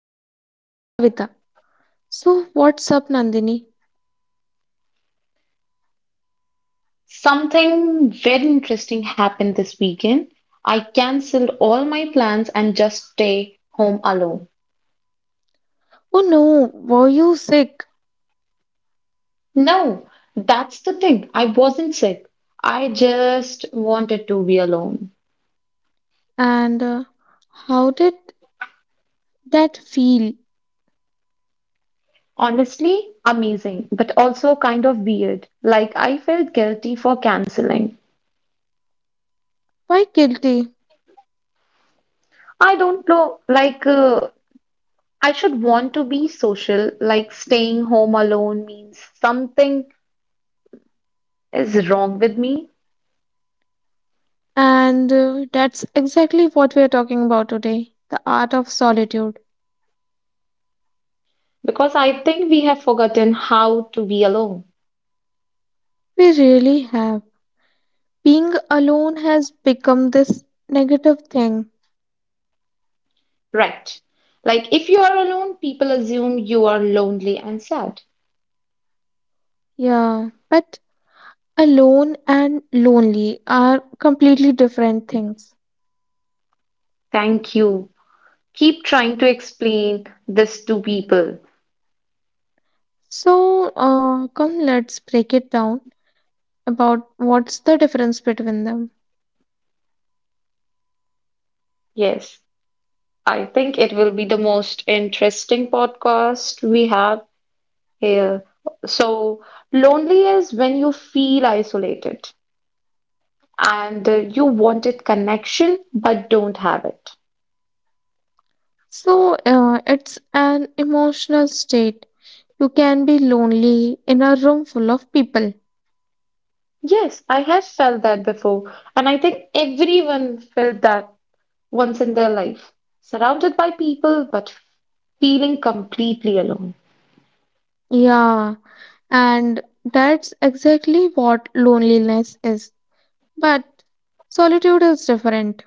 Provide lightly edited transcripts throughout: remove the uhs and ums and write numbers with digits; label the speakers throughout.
Speaker 1: And I'm Kavita. So, what's up, Nandini?
Speaker 2: Something very interesting happened this weekend. I cancelled all my plans and just stay home alone.
Speaker 1: Oh no, were you sick?
Speaker 2: No, that's the thing. I wasn't sick. I just wanted to be alone.
Speaker 1: And how did that feel?
Speaker 2: Honestly, amazing, but also kind of weird. Like I felt guilty for canceling.
Speaker 1: Why guilty?
Speaker 2: I don't know, I should want to be social, like staying home alone means something is wrong with me
Speaker 1: And that's exactly what we're talking about today, the art of solitude.
Speaker 2: because I think we have forgotten how to be alone.
Speaker 1: We really have. Being alone has become this negative thing.
Speaker 2: Right. Like if you are alone, people assume you are lonely and sad.
Speaker 1: Yeah, but alone and lonely are completely different things.
Speaker 2: Thank you. Keep trying to explain this to people.
Speaker 1: So, come, let's break it down about what's the difference between them.
Speaker 2: Yes, I think it will be the most interesting podcast we have here. So, lonely is when you feel isolated and you wanted connection but don't have it.
Speaker 1: So, it's an emotional state. You can be lonely in a room full of people.
Speaker 2: Yes, I have felt that before, and I think everyone felt that once in their life, surrounded by people but feeling completely alone.
Speaker 1: Yeah, and that's exactly what loneliness is. But solitude is different.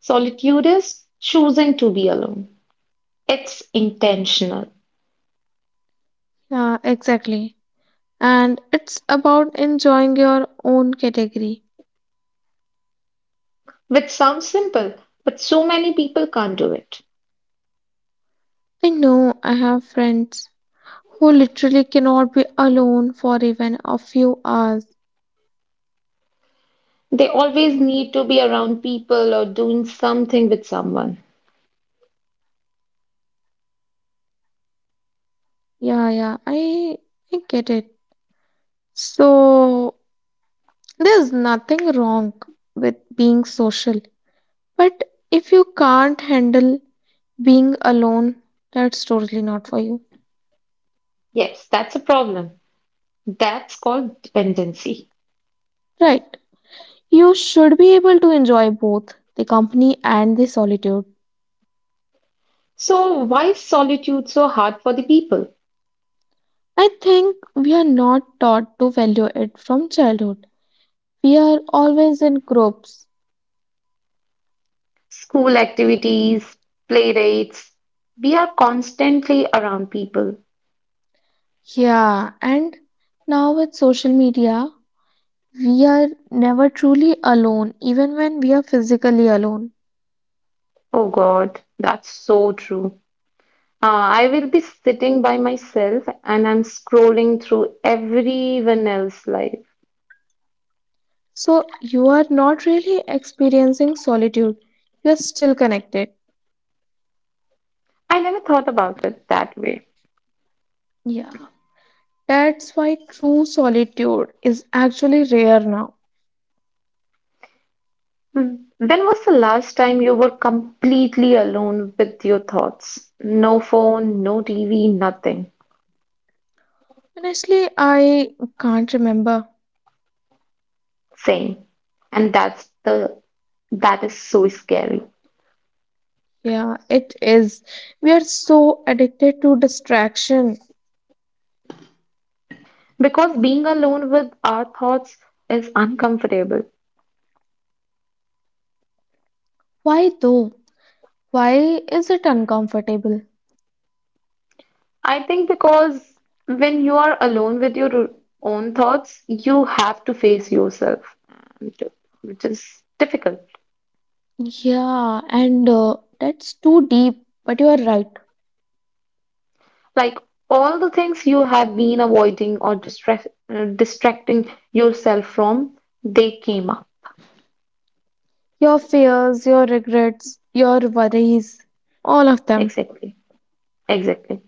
Speaker 2: Solitude is choosing to be alone. It's intentional,
Speaker 1: Yeah, exactly. And it's about enjoying your own category.
Speaker 2: which sounds simple, but so many people can't do it.
Speaker 1: I know I have friends who literally cannot be alone for even a few hours.
Speaker 2: They always need to be around people or doing something with someone.
Speaker 1: Yeah, yeah, I get it. So there's nothing wrong with being social, but if you can't handle being alone, that's totally not for you.
Speaker 2: Yes, that's a problem. That's called dependency.
Speaker 1: Right. You should be able to enjoy both the company and the solitude.
Speaker 2: So, why is solitude so hard for the people?
Speaker 1: I think we are not taught to value it from childhood. We are always in groups.
Speaker 2: School activities, play dates. We are constantly around people.
Speaker 1: Yeah, and now with social media, we are never truly alone, even when we are physically alone.
Speaker 2: Oh God, that's so true. I will be sitting by myself and I'm scrolling through everyone else's life.
Speaker 1: So you are not really experiencing solitude, you are still connected.
Speaker 2: I never thought about it that way.
Speaker 1: Yeah, that's why true solitude is actually rare now.
Speaker 2: Hmm. When was the last time you were completely alone with your thoughts? No phone, no TV, nothing.
Speaker 1: Honestly, I can't remember.
Speaker 2: Same. And that's the, that is so scary.
Speaker 1: Yeah, it is. We are so addicted to distraction.
Speaker 2: Because being alone with our thoughts is uncomfortable.
Speaker 1: Why though? Why is it uncomfortable?
Speaker 2: I think because when you are alone with own thoughts, you have to face yourself, and which is difficult.
Speaker 1: Yeah, and that's too deep, but you are right.
Speaker 2: Like all the things you have been avoiding or distracting yourself from, they came up.
Speaker 1: Your fears, your regrets, your worries, all of them.
Speaker 2: Exactly. Exactly.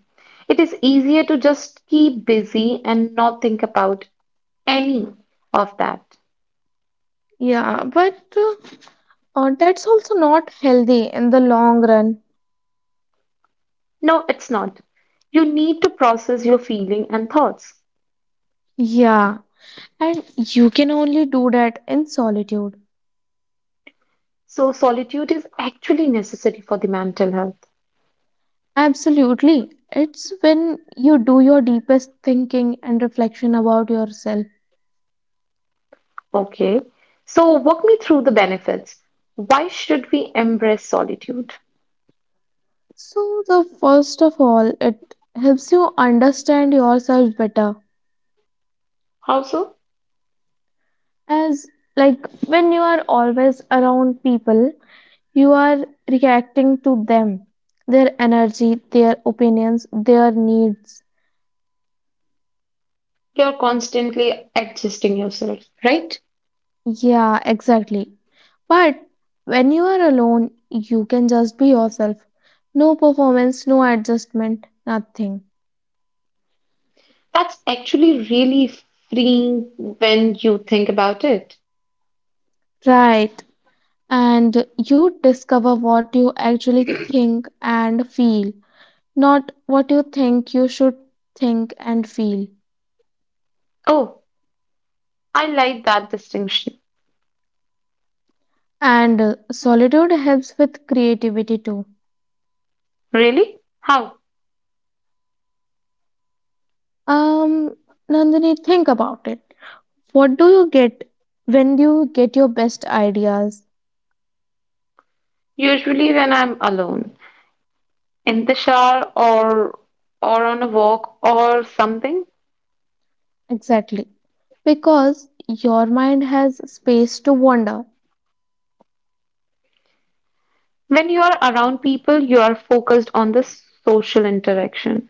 Speaker 2: It is easier to just keep busy and not think about any of that.
Speaker 1: Yeah, but that's also not healthy in the long run.
Speaker 2: No, it's not. You need to process your feeling and thoughts.
Speaker 1: Yeah, and you can only do that in solitude.
Speaker 2: So solitude is actually necessary for the mental health.
Speaker 1: Absolutely. It's when you do your deepest thinking and reflection about yourself.
Speaker 2: Okay. So walk me through the benefits. Why should we embrace solitude?
Speaker 1: So, the first of all, it helps you understand yourself better.
Speaker 2: How so?
Speaker 1: As like when you are always around people, you are reacting to them, their energy, their opinions, their needs.
Speaker 2: You're constantly adjusting yourself, right?
Speaker 1: Yeah, exactly. But when you are alone, you can just be yourself. No performance, no adjustment, nothing.
Speaker 2: That's actually really freeing when you think about it.
Speaker 1: Right. And you discover what you actually think and feel, not what you think you should think and feel.
Speaker 2: Oh, I like that distinction.
Speaker 1: And solitude helps with creativity too.
Speaker 2: Really? How?
Speaker 1: Um, Nandini, think about it. What do you get when you get your best ideas?
Speaker 2: Usually when I'm alone. In the shower or on a walk or something.
Speaker 1: Exactly. Because your mind has space to wander,
Speaker 2: When you are around people, you are focused on the social interaction.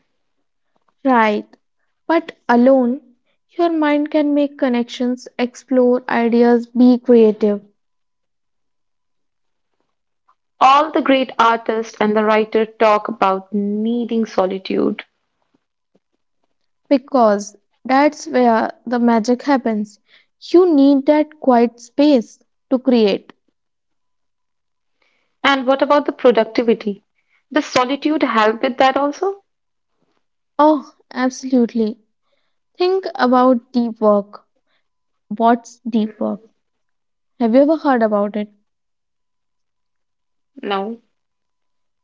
Speaker 1: right? But alone, your mind can make connections, explore ideas, be creative.
Speaker 2: All the great artists and the writer talk about needing solitude.
Speaker 1: Because that's where the magic happens. You need that quiet space to create.
Speaker 2: And what about the productivity? Does solitude help with that also?
Speaker 1: Oh, absolutely. Think about deep work. What's deep work? Have you ever heard about it?
Speaker 2: No.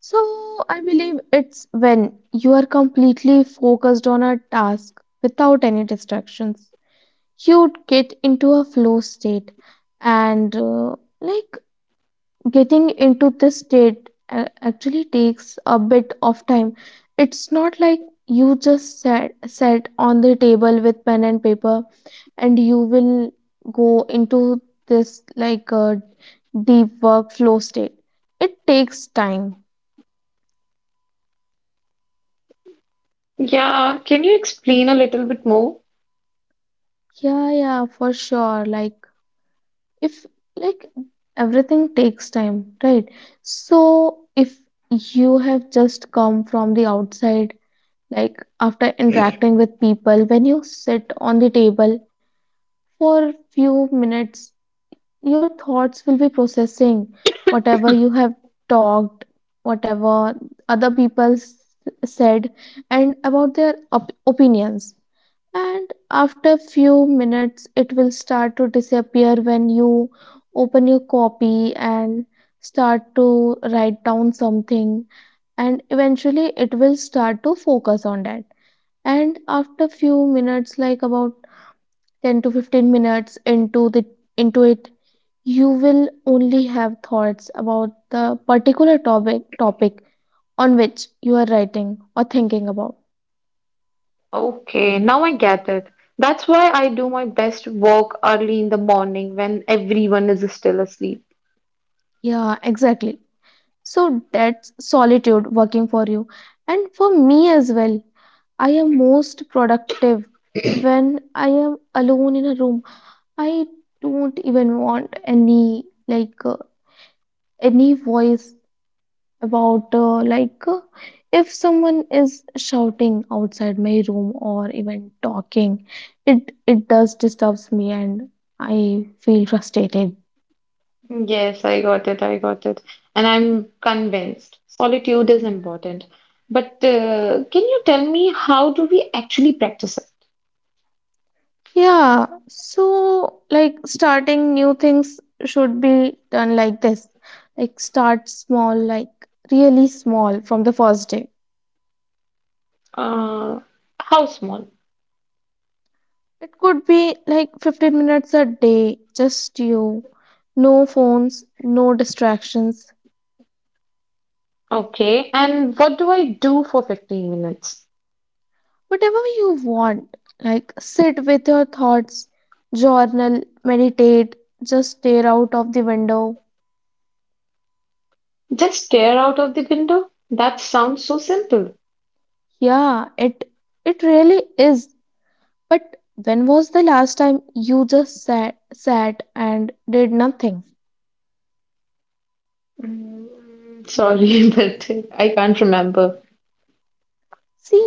Speaker 1: So, I believe it's when you are completely focused on a task without any distractions. You get into a flow state, and like getting into this state actually takes a bit of time. It's not like you just sat on the table with pen and paper and you will go into this like a deep workflow state. It takes time.
Speaker 2: Yeah, can you explain a little bit more?
Speaker 1: Yeah, yeah, for sure. Like, if, like, everything takes time, right? So, if you have just come from the outside, like, after interacting with people, when you sit on the table for few minutes, your thoughts will be processing whatever you have talked, whatever other said, and about their opinions, and after few minutes it will start to disappear when you open your copy and start to write down something, and eventually it will start to focus on that, and after few minutes, like about 10 to 15 minutes into it, you will only have thoughts about the particular topic on which you are writing or thinking about.
Speaker 2: Okay, now I get it. That's why I do my best work early in the morning when everyone is still asleep.
Speaker 1: Yeah, exactly. So that's solitude working for you and for me as well. I am most productive when I am alone in a room. I don't even want any any voice. About like If someone is shouting outside my room or even talking, it does disturbs me and I feel frustrated.
Speaker 2: Yes, I got it. I got it. And I'm convinced solitude is important. But can you tell me how do we actually practice it?
Speaker 1: Yeah, so like starting new things should be done like this. Like start small, like really small, from the first day.
Speaker 2: Uh, how small?
Speaker 1: It could be like 15 minutes a day, just you, no phones, no distractions.
Speaker 2: Okay. And what do I do for 15 minutes?
Speaker 1: Whatever you want, like sit with your thoughts, journal, meditate, just stare out of the window.
Speaker 2: Just stare out of the window? That sounds so simple.
Speaker 1: Yeah, it really is. But when was the last time you just sat and did nothing?
Speaker 2: Mm, sorry, but I can't remember.
Speaker 1: See,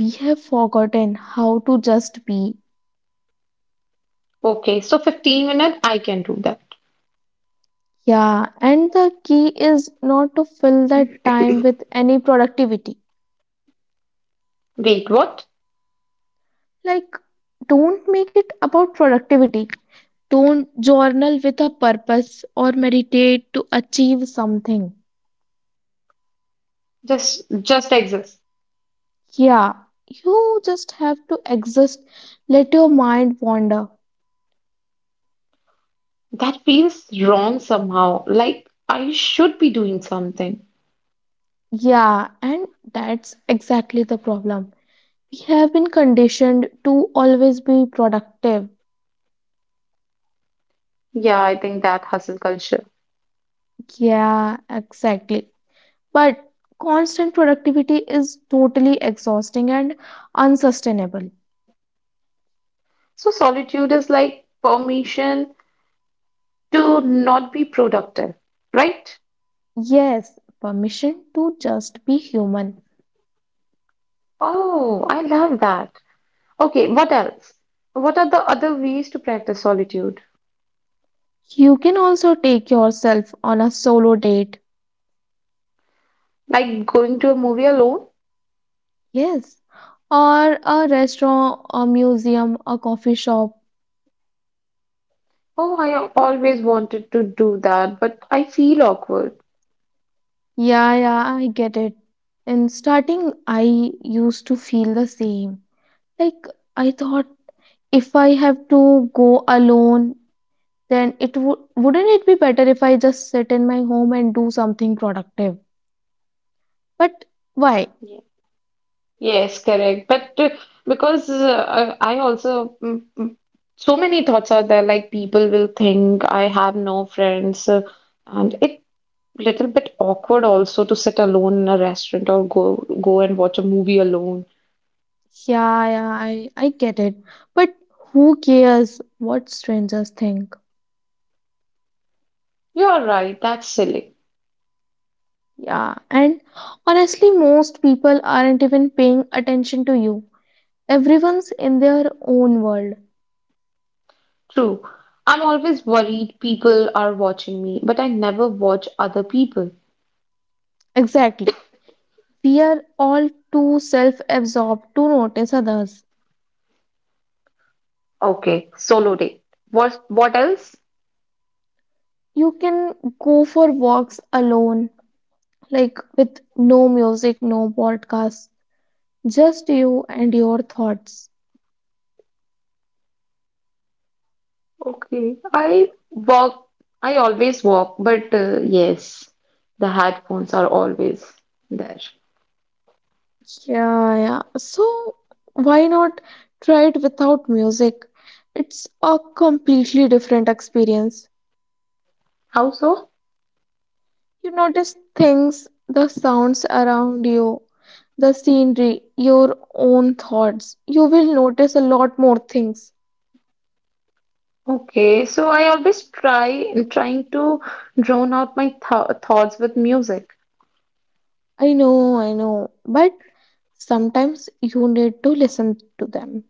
Speaker 1: we have forgotten how to just be.
Speaker 2: Okay, so 15 minutes, I can do that.
Speaker 1: Yeah, and the key is not to fill that time with any productivity.
Speaker 2: Wait, what?
Speaker 1: Like don't make it about productivity. Don't journal with a purpose or meditate to achieve something.
Speaker 2: Just exist.
Speaker 1: Yeah, you just have to exist. Let your mind wander.
Speaker 2: That feels wrong somehow, like I should be doing something.
Speaker 1: Yeah, and that's exactly the problem. We have been conditioned to always be productive.
Speaker 2: Yeah, I think that hustle culture.
Speaker 1: Yeah, exactly. But constant productivity is totally exhausting and unsustainable.
Speaker 2: So solitude is like permission to not be productive, right?
Speaker 1: Yes, permission to just be human.
Speaker 2: Oh, I love that. Okay, what else? What are the other ways to practice solitude?
Speaker 1: You can also take yourself on a solo date,
Speaker 2: Like going to a movie alone?
Speaker 1: yes, or a restaurant, a museum, a coffee shop.
Speaker 2: Oh, I always wanted to do that, but I feel awkward.
Speaker 1: Yeah, yeah, I get it. In starting, I used to feel the same. Like, I thought if I have to go alone, then it would wouldn't it be better if I just sit in my home and do something productive? But why?
Speaker 2: Yes, correct. But because I also, so many thoughts are there, like people will think I have no friends, and it little bit awkward also to sit alone in a restaurant or go and watch a movie alone.
Speaker 1: Yeah, yeah, I get it. But who cares what strangers think?
Speaker 2: You're right, that's silly.
Speaker 1: Yeah, and honestly, most people aren't even paying attention to you. Everyone's in their own world.
Speaker 2: True. I'm always worried people are watching me, but I never watch other people.
Speaker 1: Exactly. We are all too self absorbed to notice others.
Speaker 2: Okay, solo date. What else?
Speaker 1: You can go for walks alone, like with no music, no podcast, just you and your thoughts.
Speaker 2: Okay, I walk, I always walk, but yes, the headphones are always there.
Speaker 1: Yeah, yeah. So, why not try it without music? It's a completely different experience.
Speaker 2: How so?
Speaker 1: You notice things, the sounds around you, the scenery, your own thoughts. You will notice a lot more things.
Speaker 2: Okay, so I always trying to drown out my th thoughts with music,
Speaker 1: I know, but sometimes you need to listen to them.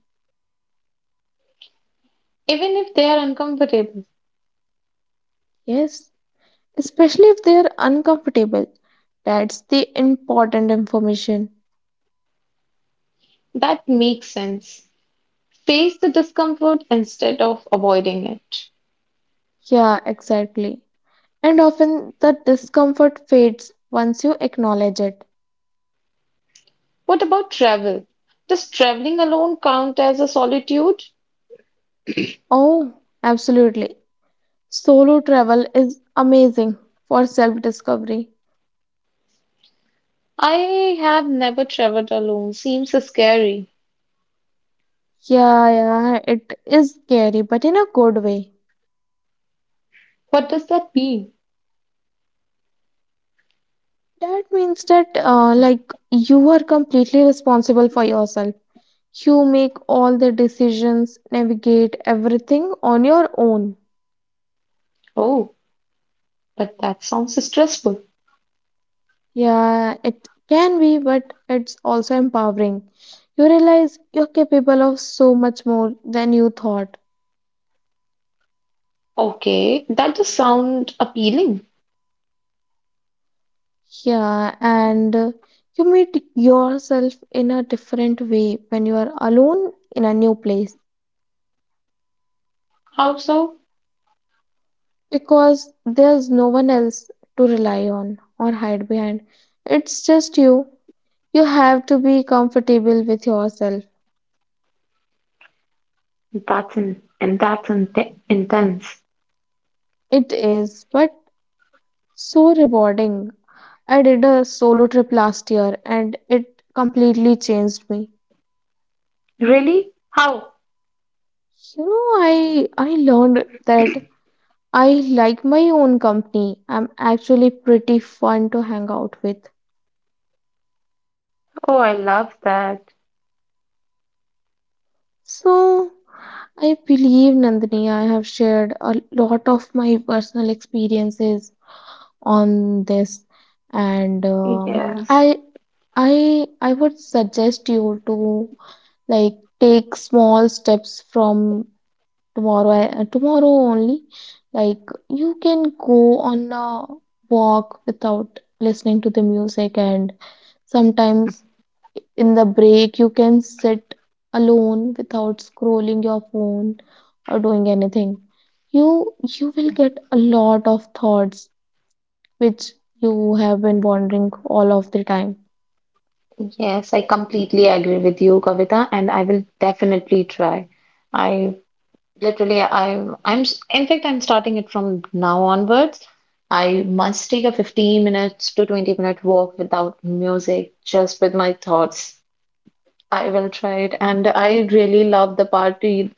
Speaker 2: even if they are uncomfortable.
Speaker 1: Yes, especially if they are uncomfortable. That's the important information.
Speaker 2: That makes sense. Face the discomfort instead of avoiding it.
Speaker 1: Yeah, exactly. And often the discomfort fades once you acknowledge it.
Speaker 2: What about travel? Does traveling alone count as a solitude?
Speaker 1: Oh, absolutely. Solo travel is amazing for self discovery.
Speaker 2: I have never traveled alone. Seems scary.
Speaker 1: Yeah, yeah, it is scary, but in a good way.
Speaker 2: What does that mean?
Speaker 1: That means that you are completely responsible for yourself. You make all the decisions, navigate everything on your own.
Speaker 2: Oh, but that sounds stressful.
Speaker 1: Yeah, it can be, but it's also empowering. You realize you're capable of so much more than you thought.
Speaker 2: Okay, that does sound appealing.
Speaker 1: Yeah, and you meet yourself in a different way when you are alone in a new place,
Speaker 2: How so?
Speaker 1: because there's no one else to rely on or hide behind. It's just you. You have to be comfortable with yourself.
Speaker 2: That's in intense.
Speaker 1: It is, but so rewarding. I did a solo trip last year and it completely changed me.
Speaker 2: Really? How?
Speaker 1: You know, I learned that I like my own company. I'm actually pretty fun to hang out with.
Speaker 2: Oh, I love that.
Speaker 1: So, I believe, Nandini, I have shared a lot of my personal experiences on this, and
Speaker 2: Yeah.
Speaker 1: um,
Speaker 2: Yes.
Speaker 1: I, I, I would suggest you to like take small steps from tomorrow. Tomorrow only, like you can go on a walk without listening to the music, and sometimes in the break, you can sit alone without scrolling your phone or doing anything. You will get a lot of thoughts which you have been wondering all of the time.
Speaker 2: Yes, I completely agree with you, Kavita, and I will definitely try. I literally, in fact, I'm starting it from now onwards. I must take a 15 minutes to 20 minute walk without music, just with my thoughts. I will try it. And I really love the part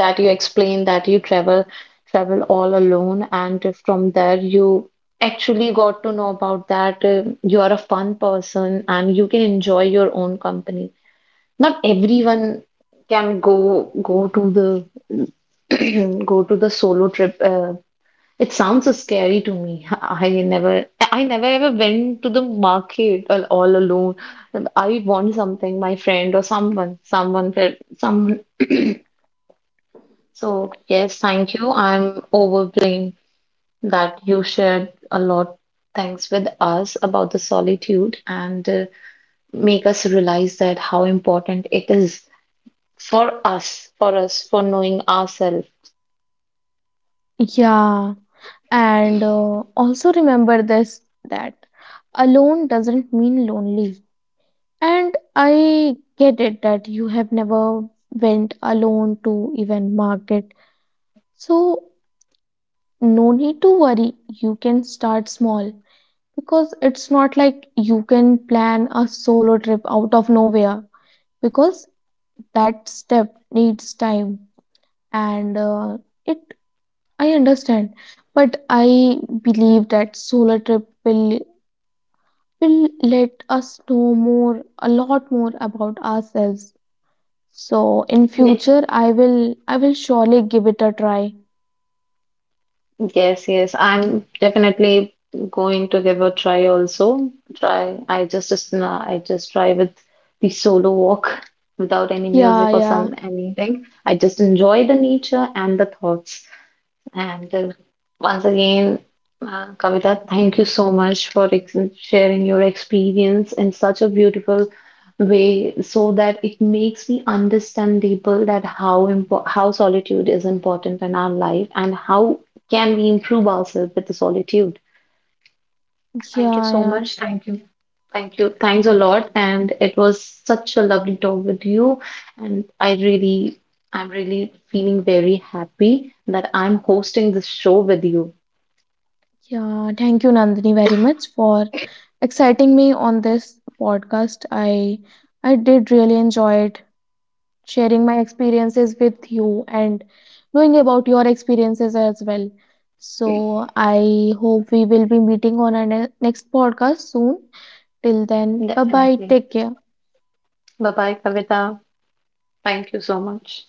Speaker 2: that you explain that you travel all alone, and from there you actually got to know about that you are a fun person and you can enjoy your own company. Not everyone can go go to the go to the solo trip it sounds so scary to me. I never ever went to the market all alone. I want something, my friend or someone, someone. So yes, thank you. I'm overwhelmed that you shared a lot things with us about the solitude and make us realize that how important it is for us, for knowing ourselves.
Speaker 1: Yeah, and also remember this, that alone doesn't mean lonely. And I get it that you have never went alone to even market. So no need to worry, you can start small, because it's not like you can plan a solo trip out of nowhere, because that step needs time, and it I understand, but I believe that solo trip will let us know more, a lot more, about ourselves. So in
Speaker 2: Yes.
Speaker 1: future I will surely give it a try.
Speaker 2: Yes, yes. I'm definitely going to give a try also. Try. I just try with the solo walk without any
Speaker 1: Yeah,
Speaker 2: music or
Speaker 1: yeah.
Speaker 2: some anything. I just enjoy the nature and the thoughts. And Once again, Kavita, thank you so much for ex sharing your experience in such a beautiful way so that it makes me understandable that how impo how solitude is important in our life and how can we improve ourselves with the solitude. Thank you
Speaker 1: Yeah,
Speaker 2: so
Speaker 1: yeah.
Speaker 2: much. Thank you. Thank you. Thanks a lot. And it was such a lovely talk with you. And I really, I'm really feeling very happy that I'm hosting this show with you.
Speaker 1: Yeah, thank you, Nandini, very much for exciting me on this podcast. I did really enjoy it, sharing my experiences with you and knowing about your experiences as well. So I hope we will be meeting on our next podcast soon. Till then, bye bye.
Speaker 2: Definitely.
Speaker 1: Take care.
Speaker 2: Bye bye, Kavita. Thank you so much.